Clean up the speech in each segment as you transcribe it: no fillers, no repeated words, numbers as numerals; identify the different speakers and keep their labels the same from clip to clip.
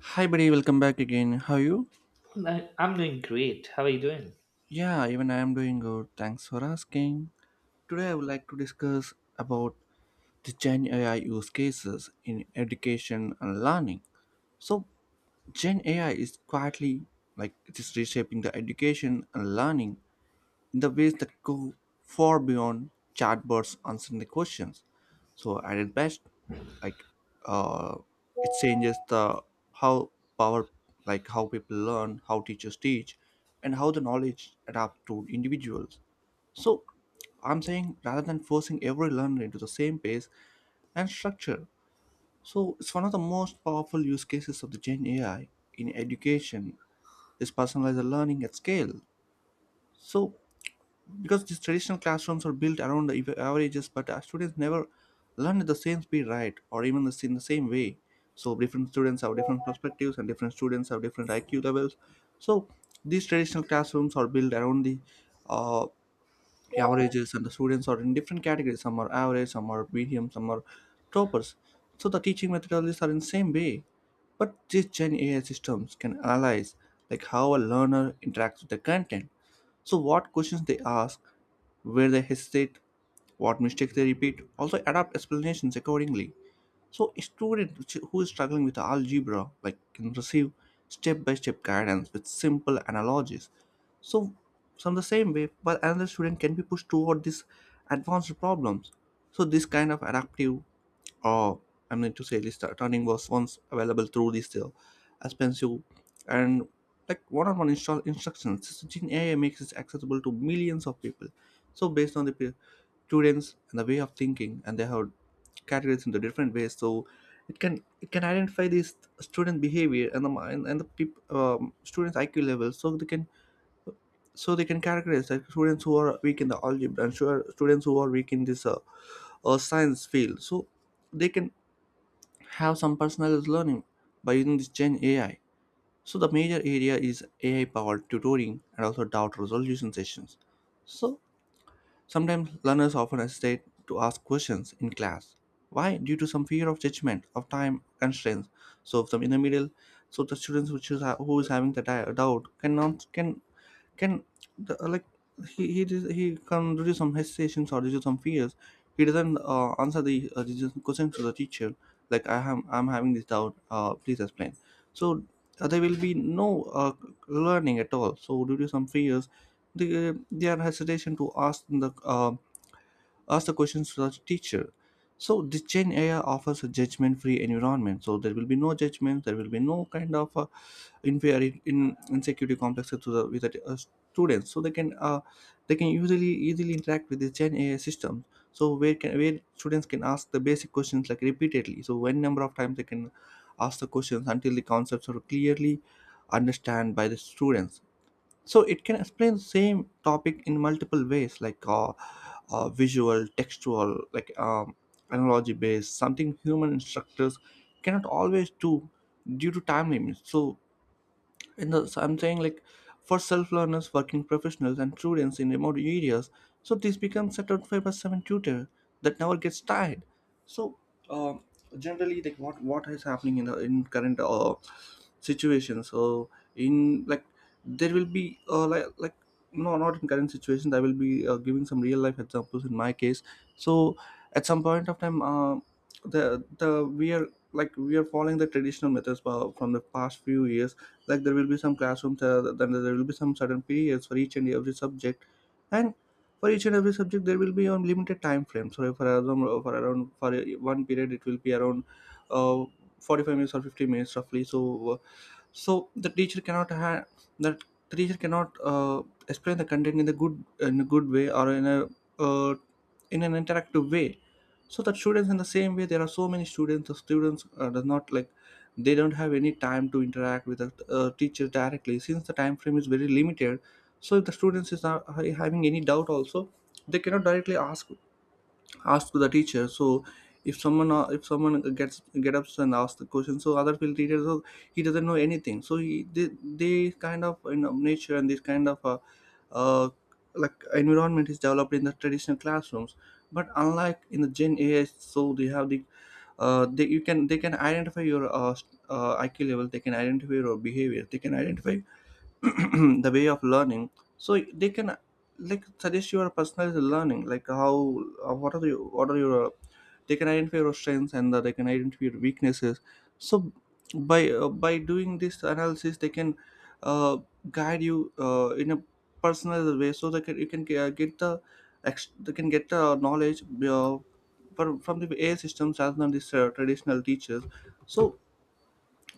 Speaker 1: Hi, buddy, welcome back again. How are you?
Speaker 2: I'm doing great. How are you doing?
Speaker 1: Yeah, even I am doing good. Thanks for asking. Today, I would like to discuss about the Gen AI use cases in education and learning. So, Gen AI is quietly, it is reshaping the education and learning in the ways that go far beyond chatbots answering the questions. So at its best, like uh, it changes the how power, like how people learn, how teachers teach, and how the knowledge adapt to individuals. So I'm saying rather than forcing every learner into the same pace and structure. So it's one of the most powerful use cases of the Gen AI in education is personalized learning at scale. So because these traditional classrooms are built around the averages, but our students never learn at the same speed, right, or even in the same way. So different students have different perspectives and different students have different iq levels. So these traditional classrooms are built around the uh, averages, and the students are in different categories. Some are average, some are medium, some are toppers. So the teaching methodologies are in the same way, but these gen ai systems can analyze like how a learner interacts with the content. So what questions they ask, where they hesitate, what mistakes they repeat, also adapt explanations accordingly. So a student who is struggling with algebra like can receive step-by-step guidance with simple analogies. So from the same way, while another student can be pushed toward these advanced problems. So this kind of adaptive or I mean to say this turning was once available through this expensive and like one-on-one install instructions. So Gen AI makes it accessible to millions of people. So based on the students and the way of thinking, and they have categories into different ways, so it can identify these student behavior and the mind and the students iq level. So they can, so they can categorize like students who are weak in the algebra and sure students who are weak in this science field. So they can have some personalized learning by using this gen ai. So the major area is ai powered tutoring and also doubt resolution sessions. So sometimes learners often hesitate to ask questions in class. Why? Due to some fear of judgment, of time constraints. So, from in the middle, so the students which is who is having the doubt, cannot can can the, like he does- he can do some hesitations or do some fears. He doesn't answer the question to the teacher like I'm having this doubt, please explain. So there will be no uh, learning at all, so due to some fears, their hesitation to ask the ask the questions to the teacher. So the chain AI offers a judgment free environment. So there will be no judgment, there will be no kind of in very in insecurity complexes to the with the students. So they can usually easily interact with the gen ai system. So where students can ask the basic questions like repeatedly, so when number of times they can ask the questions until the concepts are clearly understand by the students. So it can explain same topic in multiple ways like visual, textual, analogy based, something human instructors cannot always do due to time limits. So in the so I'm saying like for self-learners, working professionals and students in remote areas, so this becomes a 25 by 7 tutor that never gets tired. So um generally like what is happening in the in current situation. So in like There will be no, not in current situation. I will be giving some real life examples in my case. So at some point of time, the we are like we are following the traditional methods from the past few years. Like there will be some classrooms, then there will be some certain periods for each and every subject. And for each and every subject there will be a limited time frame. So for example, for around for one period it will be around uh, 45 minutes or 50 minutes roughly. So so the teacher cannot have that, the teacher cannot explain the content in a good way, or in a uh, in an interactive way. So that students in the same way, there are so many students, the students does not like, they don't have any time to interact with the teacher directly, since the time frame is very limited. So if the students is not having any doubt also, they cannot directly ask to the teacher. So if someone, if someone get up and asks the question, so other field teachers, so he doesn't know anything. So he they kind of, you know, nature and this kind of uh, environment is developed in the traditional classrooms. But unlike in the gen ai, so they have the, they can identify your iq level, they can identify your behavior, they can identify the way of learning. So they can like suggest your personalized learning, like how what are your they can identify your strengths and they can identify your weaknesses. So by doing this analysis, they can uh, guide you in a personalized way. So they can You can get the, they can get the knowledge from the AI systems as than these traditional teachers. So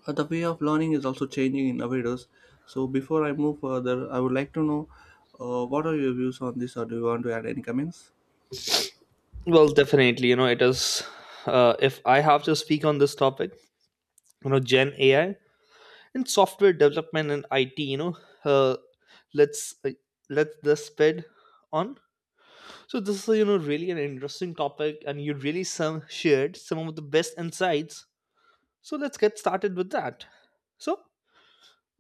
Speaker 1: the way of learning is also changing in Avidos. So before I move further, I would like to know what are your views on this, or do you want to add any comments?
Speaker 2: Well, definitely, it is. If I have to speak on this topic, Gen AI and software development and IT, uh, let's uh, let this sped on. So this is really an interesting topic, and you really some shared some of the best insights. So let's get started with that. So,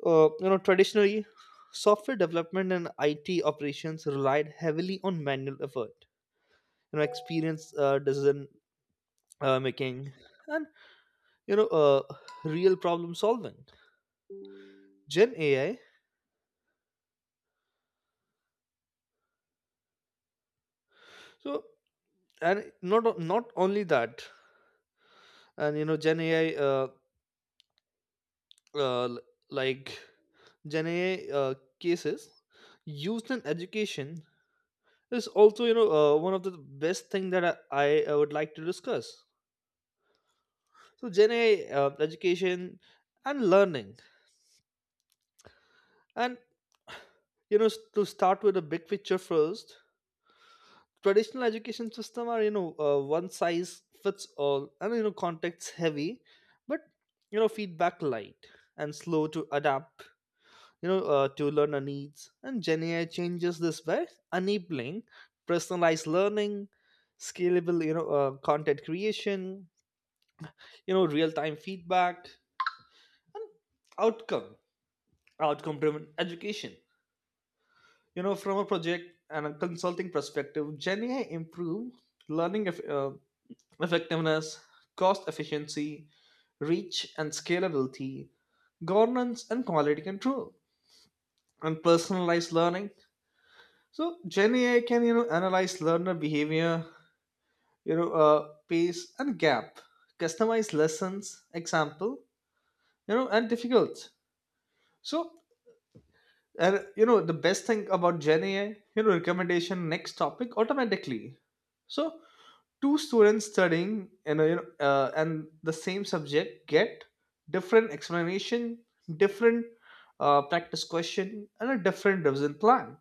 Speaker 2: traditionally, software development and IT operations relied heavily on manual effort, experience, decision making, and you know uh, real problem solving. Gen AI. So and not only that, and Gen AI, uh, l- like Gen AI uh, cases used in education is also, one of the best thing that I would like to discuss. So Gen AI education and learning. And, to start with a big picture first, traditional education system are, one size fits all, and context heavy, but feedback light and slow to adapt to learner needs. And Gen AI changes this by enabling personalized learning, scalable content creation, real time feedback, outcome outcome driven education. You know, from a project and a consulting perspective, Gen AI improve learning effectiveness, cost efficiency, reach and scalability, governance and quality control, and personalized learning. So Gen AI can analyze learner behavior, pace and gap, customize lessons, example, and difficult. So and the best thing about Gen AI, recommendation next topic automatically. So two students studying in a, you know, and the same subject get different explanation, different practice question, and a different revision plan.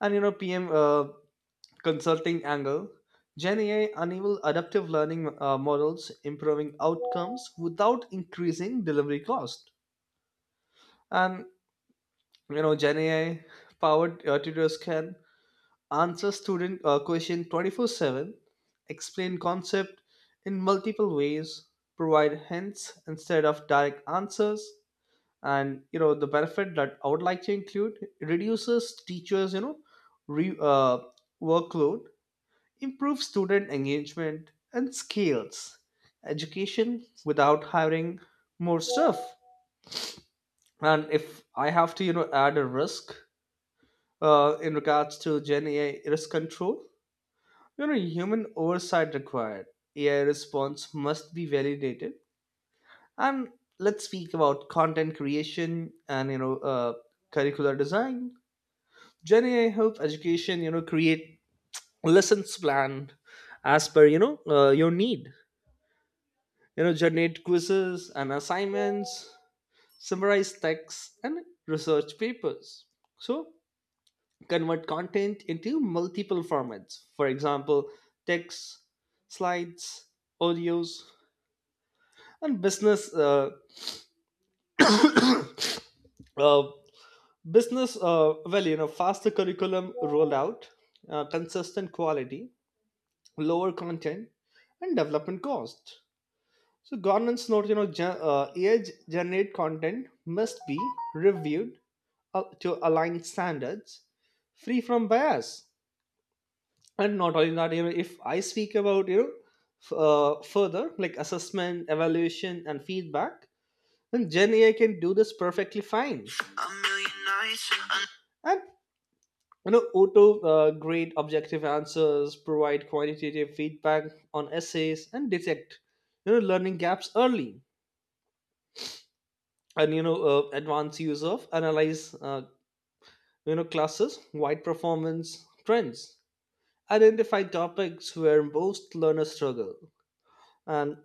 Speaker 2: And PM consulting angle, Gen AI enable adaptive learning models, improving outcomes without increasing delivery cost. And Gen AI powered tutors can answer student question 24/7, explain concept in multiple ways, provide hints instead of direct answers, and the benefit that I would like to include, it reduces teachers re, uh, workload, improves student engagement, and scales education without hiring more staff. And if I have to add a risk in regards to Gen AI risk control. Human oversight required. AI response must be validated. And let's speak about content creation and curricular design. Gen AI help education create lessons plan, as per your need. Generate quizzes and assignments, summarize texts and research papers. So convert content into multiple formats. For example, text, slides, audios, and business uh, business well, faster curriculum rollout, consistent quality, lower content and development cost. So governance note, AI generate content must be reviewed to align standards, free from bias. And not only that, if I speak about, further, like assessment evaluation and feedback. And Gen AI can do this perfectly fine. And auto grade objective answers, provide quantitative feedback on essays, and detect learning gaps early. And advanced use of analyze, classes, wide performance trends, identify topics where most learners struggle, and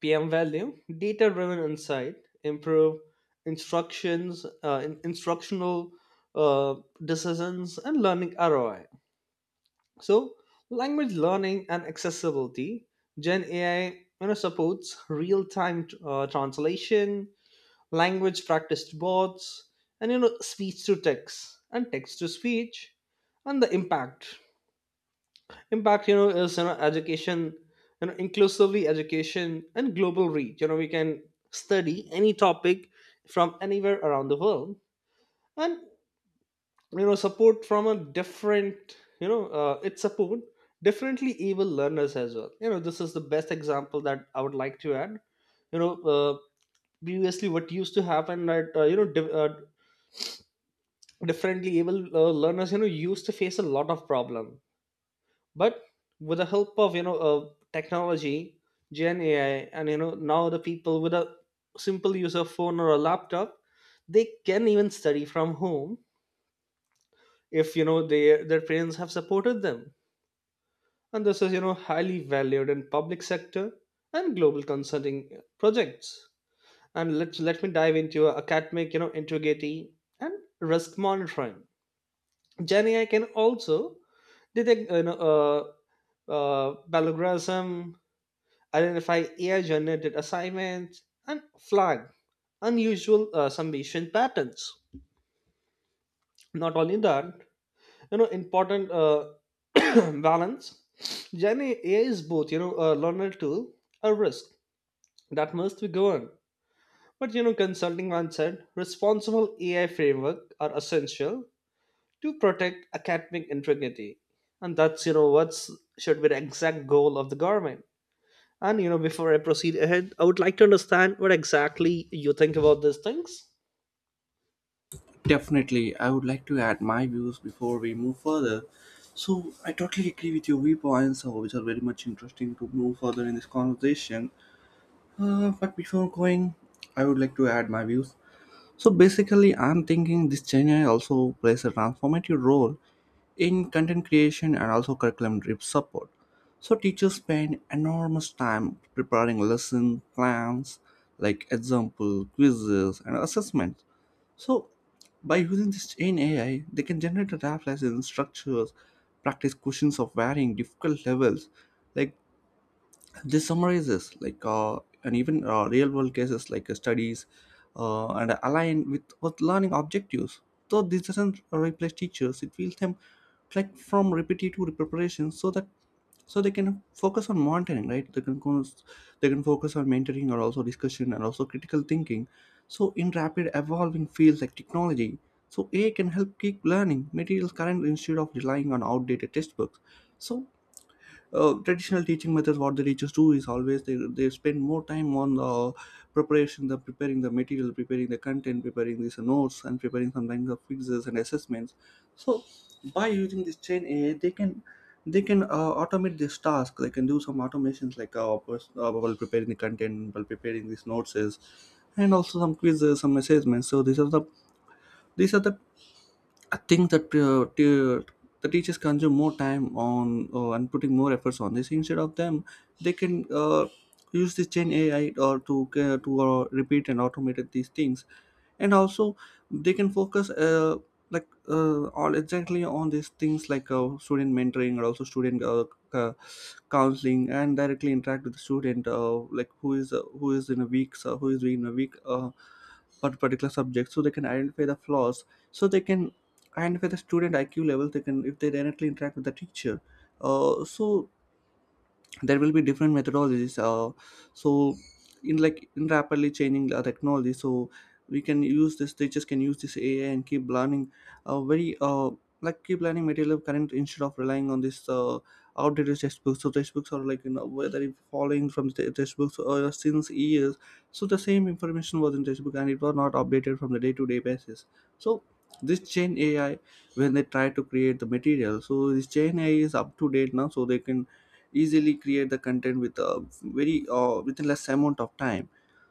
Speaker 2: PM value, data driven insight, improve instructional uh, decisions, and learning ROI. So, language learning and accessibility. Gen AI, supports real time translation, language practice bots, and speech to text and text to speech. And the impact, is education, inclusively education and global reach. We can study any topic from anywhere around the world. And support from a different, it support, differently able learners as well. This is the best example that I would like to add. you know uh, Previously what used to happen that differently able learners used to face a lot of problem. But with the help of technology, Gen AI, and now, the people with a simple use of phone or a laptop, they can even study from home, if their parents have supported them. And this is highly valued in public sector and global consulting projects. And let me dive into academic integrity and risk monitoring. Gen AI can also detect, plagiarism, identify AI generated assignments, and flag unusual summation patterns. Not only that, important balance. Gen AI is both, a learner tool, a risk that must be governed. But, consulting once said responsible AI framework are essential to protect academic integrity. And that's, what's should be the exact goal of the government. And before I proceed ahead, I would like to understand what exactly you think about these things.
Speaker 1: Definitely, I would like to add my views before we move further. So I totally agree with your viewpoints, which are very much interesting to move further in this conversation. But before going, I would like to add my views. So basically, I'm thinking this Chennai also plays a transformative role in content creation and also curriculum drift support. So teachers spend enormous time preparing lesson plans like example, quizzes and assessments. So by using this in AI, they can generate a draft lesson structures, practice questions of varying difficult levels. Like this summarizes like, and even real world cases like studies, and align with what learning objectives. So this doesn't replace teachers, it feels them like from repetitive preparation, so that, so they can focus on monitoring, right, they can focus on mentoring, or also discussion and also critical thinking. So in rapid evolving fields like technology, so ai can help keep learning materials current instead of relying on outdated textbooks. So traditional teaching methods, what the teachers do is always they spend more time on the preparation, the preparing the material, preparing the content, preparing these notes, and preparing sometimes the quizzes and assessments. So by using this chain AI, they can, they can uh, automate this task. They can do some automations like while preparing the content, while preparing these notes is, and also some quizzes, some assessments. So these are the, I think that the teachers consume more time on and putting more efforts on this. Instead of them, they can use this Gen AI or to repeat and automate these things, and also they can focus like all exactly on these things like student mentoring, or also student uh, counseling, and directly interact with the student, like who is in a weak, for particular subject. So they can identify the flaws. So they can, and with the student IQ level, they can, if they directly interact with the teacher. So there will be different methodologies, so in rapidly changing technology, so we can use this teachers can use this ai and keep learning, very like keep learning material current instead of relying on this outdated textbooks. So textbooks are, like, whether if following from the textbooks or since years, so the same information was in textbook and it was not updated from the day-to-day basis. So this chain ai when they try to create the material, so this chain ai is up to date now, so they can easily create the content with a very, within less amount of time.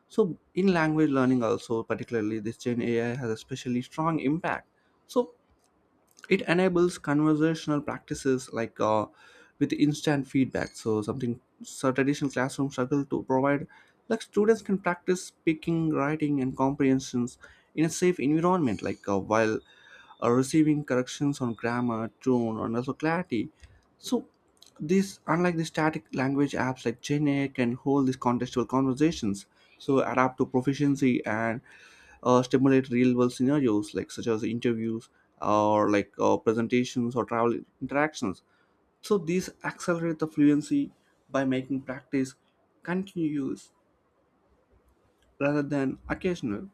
Speaker 1: So in language learning also, particularly this gen ai has especially strong impact. So it enables conversational practices, with instant feedback, so something so traditional classroom struggle to provide, like students can practice speaking writing and comprehensions in a safe environment, while receiving corrections on grammar, tone, and also clarity. So, this unlike the static language apps like Gene can hold these contextual conversations. So, adapt to proficiency and stimulate real-world scenarios like such as interviews or, presentations or travel interactions. So these accelerate the fluency by making practice continuous rather than occasional.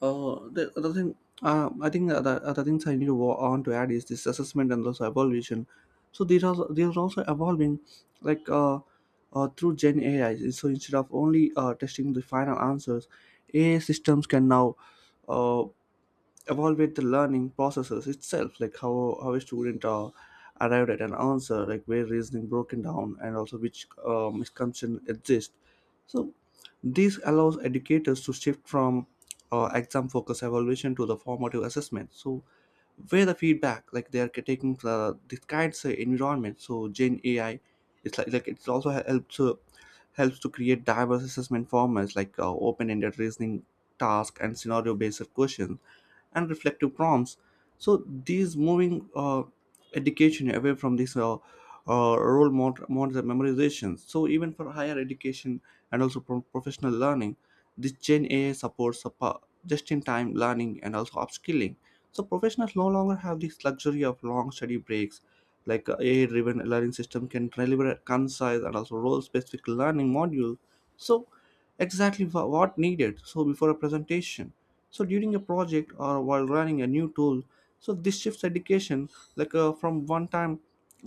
Speaker 1: The other thing, I think the other things I need to go on to add is this assessment and also evaluation. So these are also evolving, like uh, through Gen AI. So instead of only testing the final answers, AI systems can now uh evolve with the learning processes itself, like how a student arrived at an answer, like where reasoning broken down and also which misconception exist, so this allows educators to shift from exam focused evaluation to the formative assessment, so where the feedback, like they are taking this kind of environment, so gen ai it's like it's also helps to create diverse assessment formats, open-ended reasoning task and scenario-based questions and reflective prompts, so these moving education away from this role model memorization, so even for higher education and also professional learning, this gen ai supports just-in-time learning and also upskilling. So professionals no longer have this luxury of long study breaks. Like AI-driven learning system can deliver a concise and also role-specific learning module. So exactly what needed. So before a presentation, so during a project or while running a new tool. So this shifts education, from one-time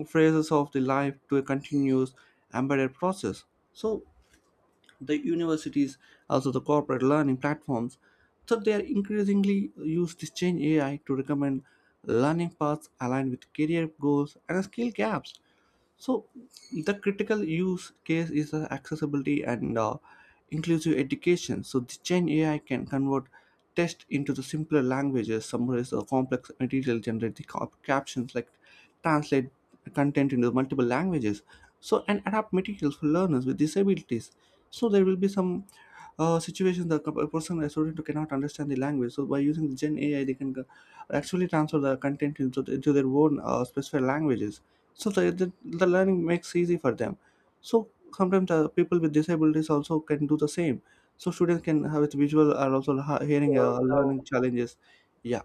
Speaker 1: phrases of the life to a continuous embedded process. So the universities, also the corporate learning platforms, so they are increasingly use this change AI to recommend learning paths aligned with career goals and skill gaps. So the critical use case is accessibility and inclusive education. So the Gen AI can convert text into the simpler languages, summarize the complex material, generate the captions, like translate content into multiple languages. So and adapt materials for learners with disabilities. So there will be some situations that a person a student who cannot understand the language. So by using the Gen AI, they can, actually transfer the content into their own specified languages, so the learning makes easy for them, so sometimes the people with disabilities also can do the same, so students can have it visual or also hearing
Speaker 2: Well, now,
Speaker 1: learning challenges. Yeah,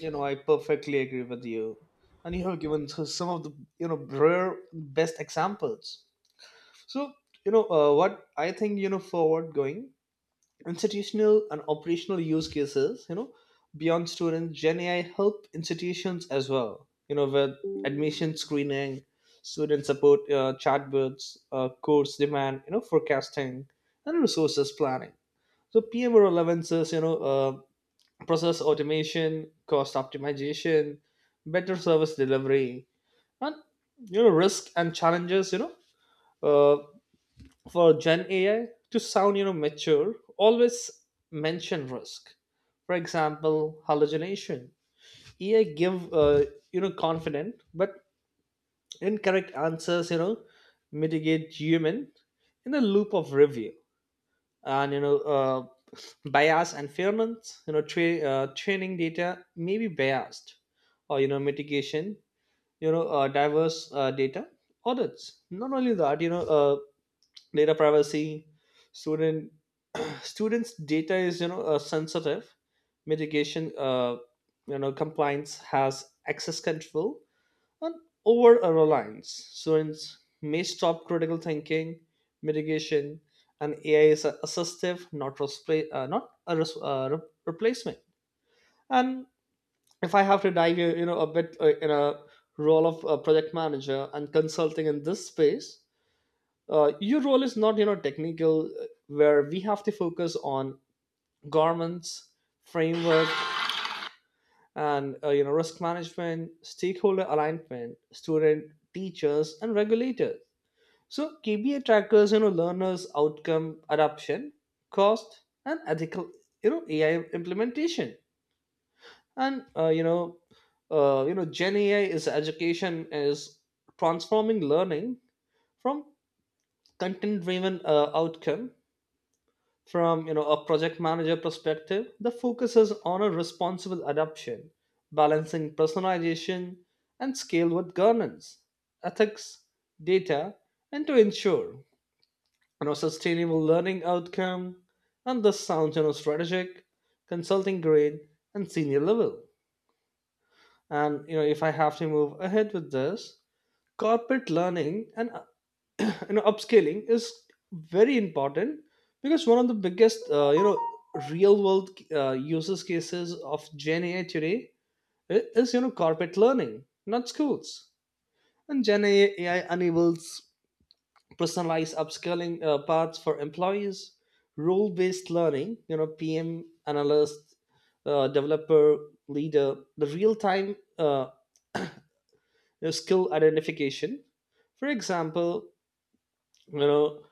Speaker 2: I perfectly agree with you, and you have given some of the rare best examples. So, what I think, forward going institutional and operational use cases, beyond students, Gen AI help institutions as well, with admission screening, student support chatbots, course demand forecasting, and resources planning. So PMR relevances, you know uh, process automation, cost optimization, better service delivery. And risk and challenges, uh for Gen AI to sound, mature, always mention risk. For example, hallucination. AI give, confident but incorrect answers. Mitigate human in a loop of review. And, bias and fairness, training data may be biased, or, mitigation, diverse data audits. Not only that, data privacy. Student students data is sensitive mitigation, compliance has access control. And over reliance, students may stop critical thinking mitigation. And AI is assistive, not a replacement. And if I have to dive, a bit in a role of a project manager and consulting in this space. Your role is not technical, where we have to focus on governance framework, and risk management, stakeholder alignment, student, teachers, and regulators. So KBA trackers, learners outcome adoption, cost, and ethical AI implementation. And Gen AI is education is transforming learning from content driven outcome. From a project manager perspective, the focus is on a responsible adoption, balancing personalization and scale with governance, ethics, data, and to ensure sustainable learning outcome. And this sounds strategic, consulting grade, and senior level. And if I have to move ahead with this, corporate learning and upscaling is very important, because one of the biggest real world uses cases of Gen AI today is corporate learning, not schools. And Gen AI enables personalized upscaling paths for employees, role based learning, PM, analyst, developer, leader, the real time, uh, skill identification. For example, you know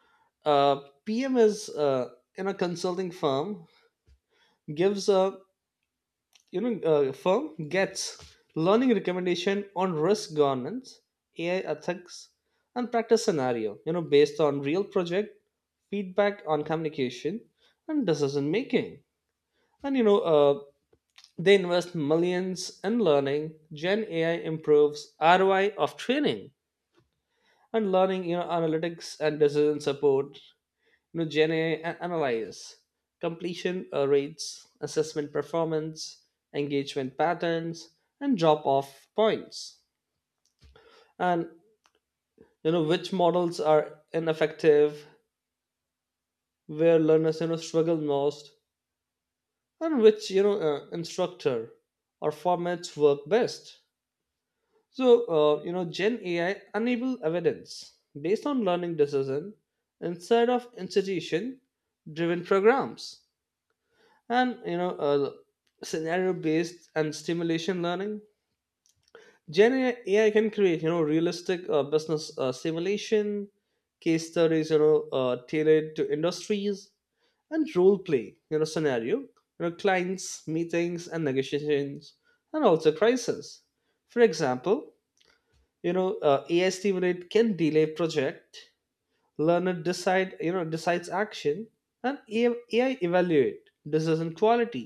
Speaker 2: uh, PM is in a consulting firm gives a, firm gets learning recommendation on risk governance, AI ethics, and practice scenario, based on real project, feedback on communication and decision making. And they invest millions in learning. Gen AI improves ROI of training and learning, analytics and decision support. Gen A and analyze completion rates, assessment performance, engagement patterns, and drop off points. And which models are ineffective, where learners struggle most, and which instructor or formats work best. So, Gen AI enable evidence based on learning decision instead of institution driven programs. And scenario based and stimulation learning, Gen AI can create realistic business simulation case studies, tailored to industries, and role play scenario, clients meetings and negotiations, and also crisis. For example, AI stimulate can delay project, learner decides action, and AI evaluate decision quality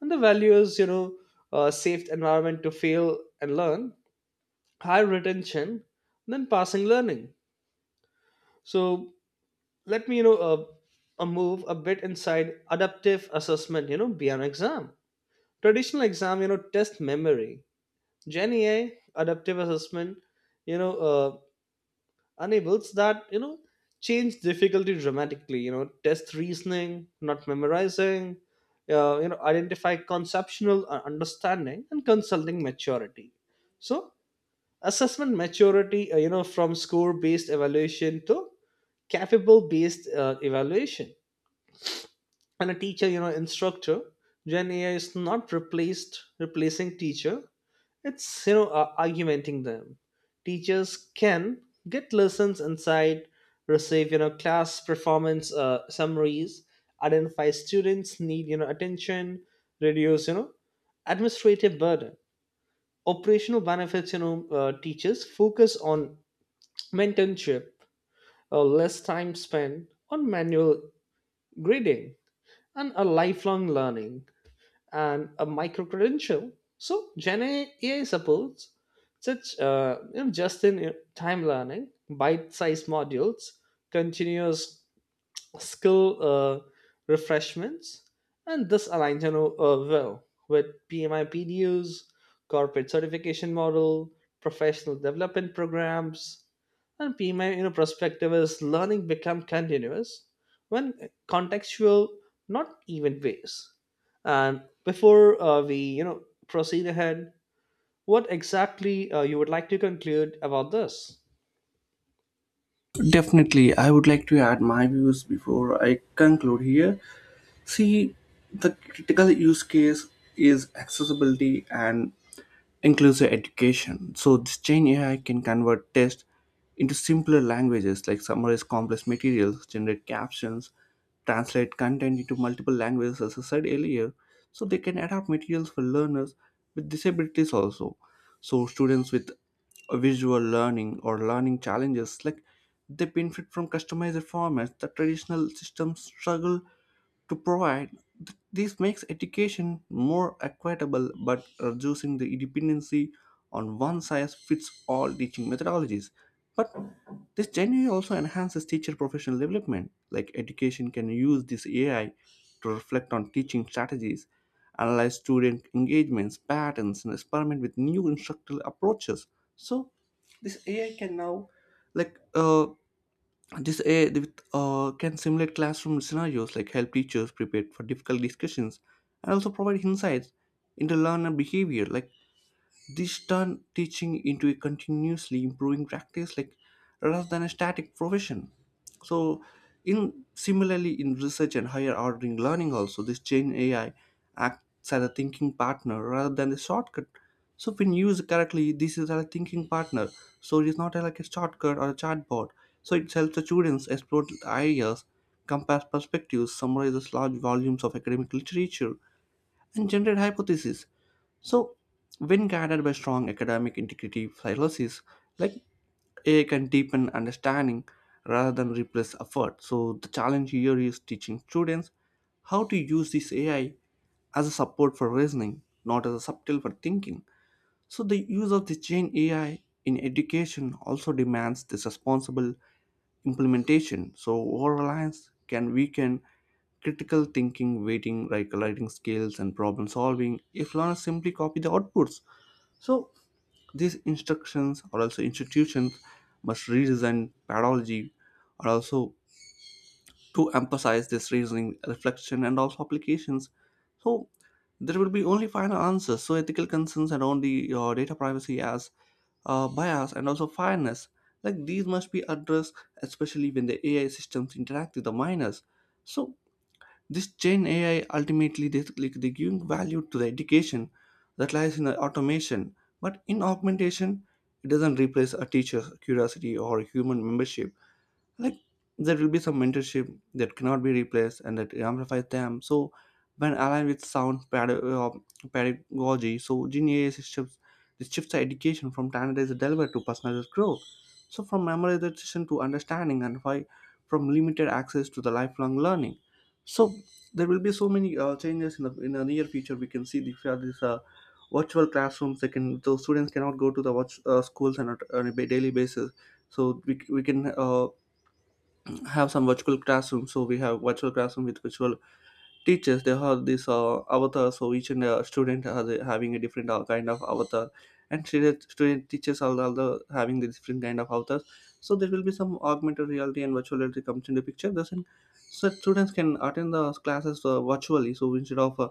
Speaker 2: and the values, safe environment to fail and learn, high retention, then passing learning. So let me, move a bit inside adaptive assessment, beyond exam, traditional exam, test memory. Gen AI adaptive assessment, you know uh, enables that, change difficulty dramatically, test reasoning, not memorizing, identify conceptual understanding and consulting maturity. So, assessment maturity, from score based evaluation to capable based evaluation. And a teacher, instructor, Gen AI is not replaced replacing teacher, it's argumenting them. Teachers can get lessons inside, receive class performance summaries, identify students need attention, reduce administrative burden. Operational benefits, teachers focus on mentorship, less time spent on manual grading, and a lifelong learning and a micro credential. So Gen AI supports such, just in time learning, bite sized modules, continuous skill refreshments, and this aligns, well with PMI PDUs, corporate certification model, professional development programs, and my perspective is learning become continuous when contextual, not even ways. And before we proceed ahead, what exactly you would like to conclude about this?
Speaker 1: definitely I would like to add my views before I conclude here. See, the critical use case is accessibility and inclusive education. So this Gen AI can convert tests into simpler languages, like summarize complex materials, generate captions, translate content into multiple languages as I said earlier. So they can adapt materials for learners with disabilities also. So students with visual learning or learning challenges, like they benefit from customized formats that traditional systems struggle to provide. This makes education more equitable but reducing the dependency on one size fits all teaching methodologies. But this genuinely also enhances teacher professional development. Like education can use this AI to reflect on teaching strategies, analyze student engagements, patterns, and experiment with new instructional approaches. So this AI can now, like uh, can simulate classroom scenarios, like help teachers prepare for difficult discussions, and also provide insights into learner behavior, like this turn teaching into a continuously improving practice, like rather than a static profession. So in similarly in research and higher ordering learning also, this gen ai acts as a thinking partner rather than a shortcut. So when used correctly, this is a thinking partner, so it is not like a shortcut or a chatbot, so it helps the students explore ideas, compare perspectives, summarizes large volumes of academic literature, and generate hypotheses. So, when guided by strong academic integrity philosophies, like AI can deepen understanding rather than replace effort. So, the challenge here is teaching students how to use this AI as a support for reasoning, not as a subtle for thinking. So, the use of the Gen AI in education also demands this responsible implementation. So, over reliance can weaken critical thinking, waiting, like writing skills, and problem solving if learners simply copy the outputs. So, these instructions or also institutions must redesign pedagogy, or also to emphasize this reasoning, reflection, and also applications. So there will be only final answers. So ethical concerns around the data privacy, as bias and also fairness, like these must be addressed, especially when the AI systems interact with the minors. So this Gen AI ultimately, they like they giving value to the education that lies in the automation, but in augmentation, it doesn't replace a teacher's curiosity or human membership. Like, there will be some mentorship that cannot be replaced and that amplifies them. So when aligned with sound ped- uh, pedagogy, so gene ai systems, this shifts the education from standardized delivery to personalized growth. So from memorization to understanding and why, from limited access to the lifelong learning. So there will be so many changes in the near future, we can see these are these virtual classrooms, they can those students cannot go to the watch, schools on a daily basis. So we can have some virtual classroom, so we have virtual classroom with virtual teachers, they have this avatar, so each and student having a different kind of avatar, and student teachers are also having the different kind of avatars. So there will be some augmented reality and virtual reality comes into picture thus in, so students can attend the classes virtually. So instead of uh,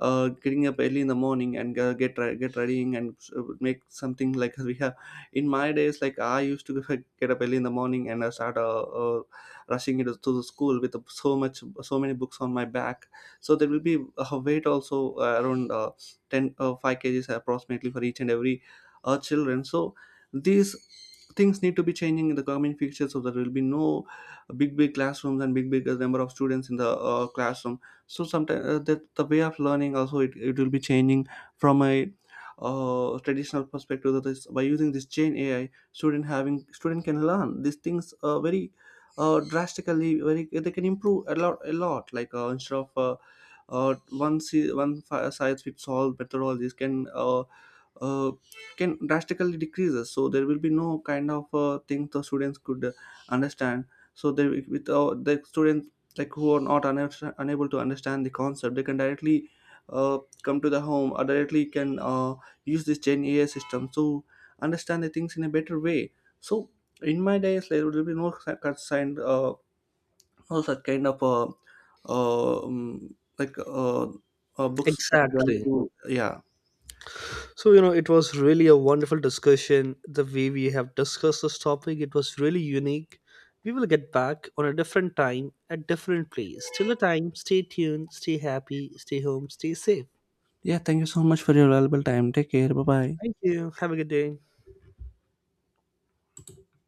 Speaker 1: uh, getting up early in the morning and get readying and make something like we have in my days, like I used to get up early in the morning and I start rushing into to the school with so many books on my back. So there will be a weight also, around, 10, 5 kgs approximately for each and every children. So these things need to be changing in the coming future. So there will be no big big classrooms and big big number of students in the classroom. So sometimes that the way of learning also, it will be changing from a traditional perspective, that is by using this chain ai student having student can learn these things very drastically, very they can improve a lot a lot, instead of one si- one fi- size fits all methodologies uh, can drastically decreases. So there will be no kind of thing the students could understand. So they, with the students, like who are not unable to understand the concept, they can directly uh, come to the home or directly can use this gen ai system to understand the things in a better way. So in my days there will be no concerned, no such kind of uh, um, like uh, books journey
Speaker 2: Exactly.
Speaker 1: to. Yeah.
Speaker 2: So, it was really a wonderful discussion. The way we have discussed this topic, it was really unique. We will get back on a different time at different place. Till the time, stay tuned, stay happy, stay home, stay safe.
Speaker 1: Yeah, thank you so much for your valuable time. Take care. Bye bye.
Speaker 2: Thank you. Have a good day.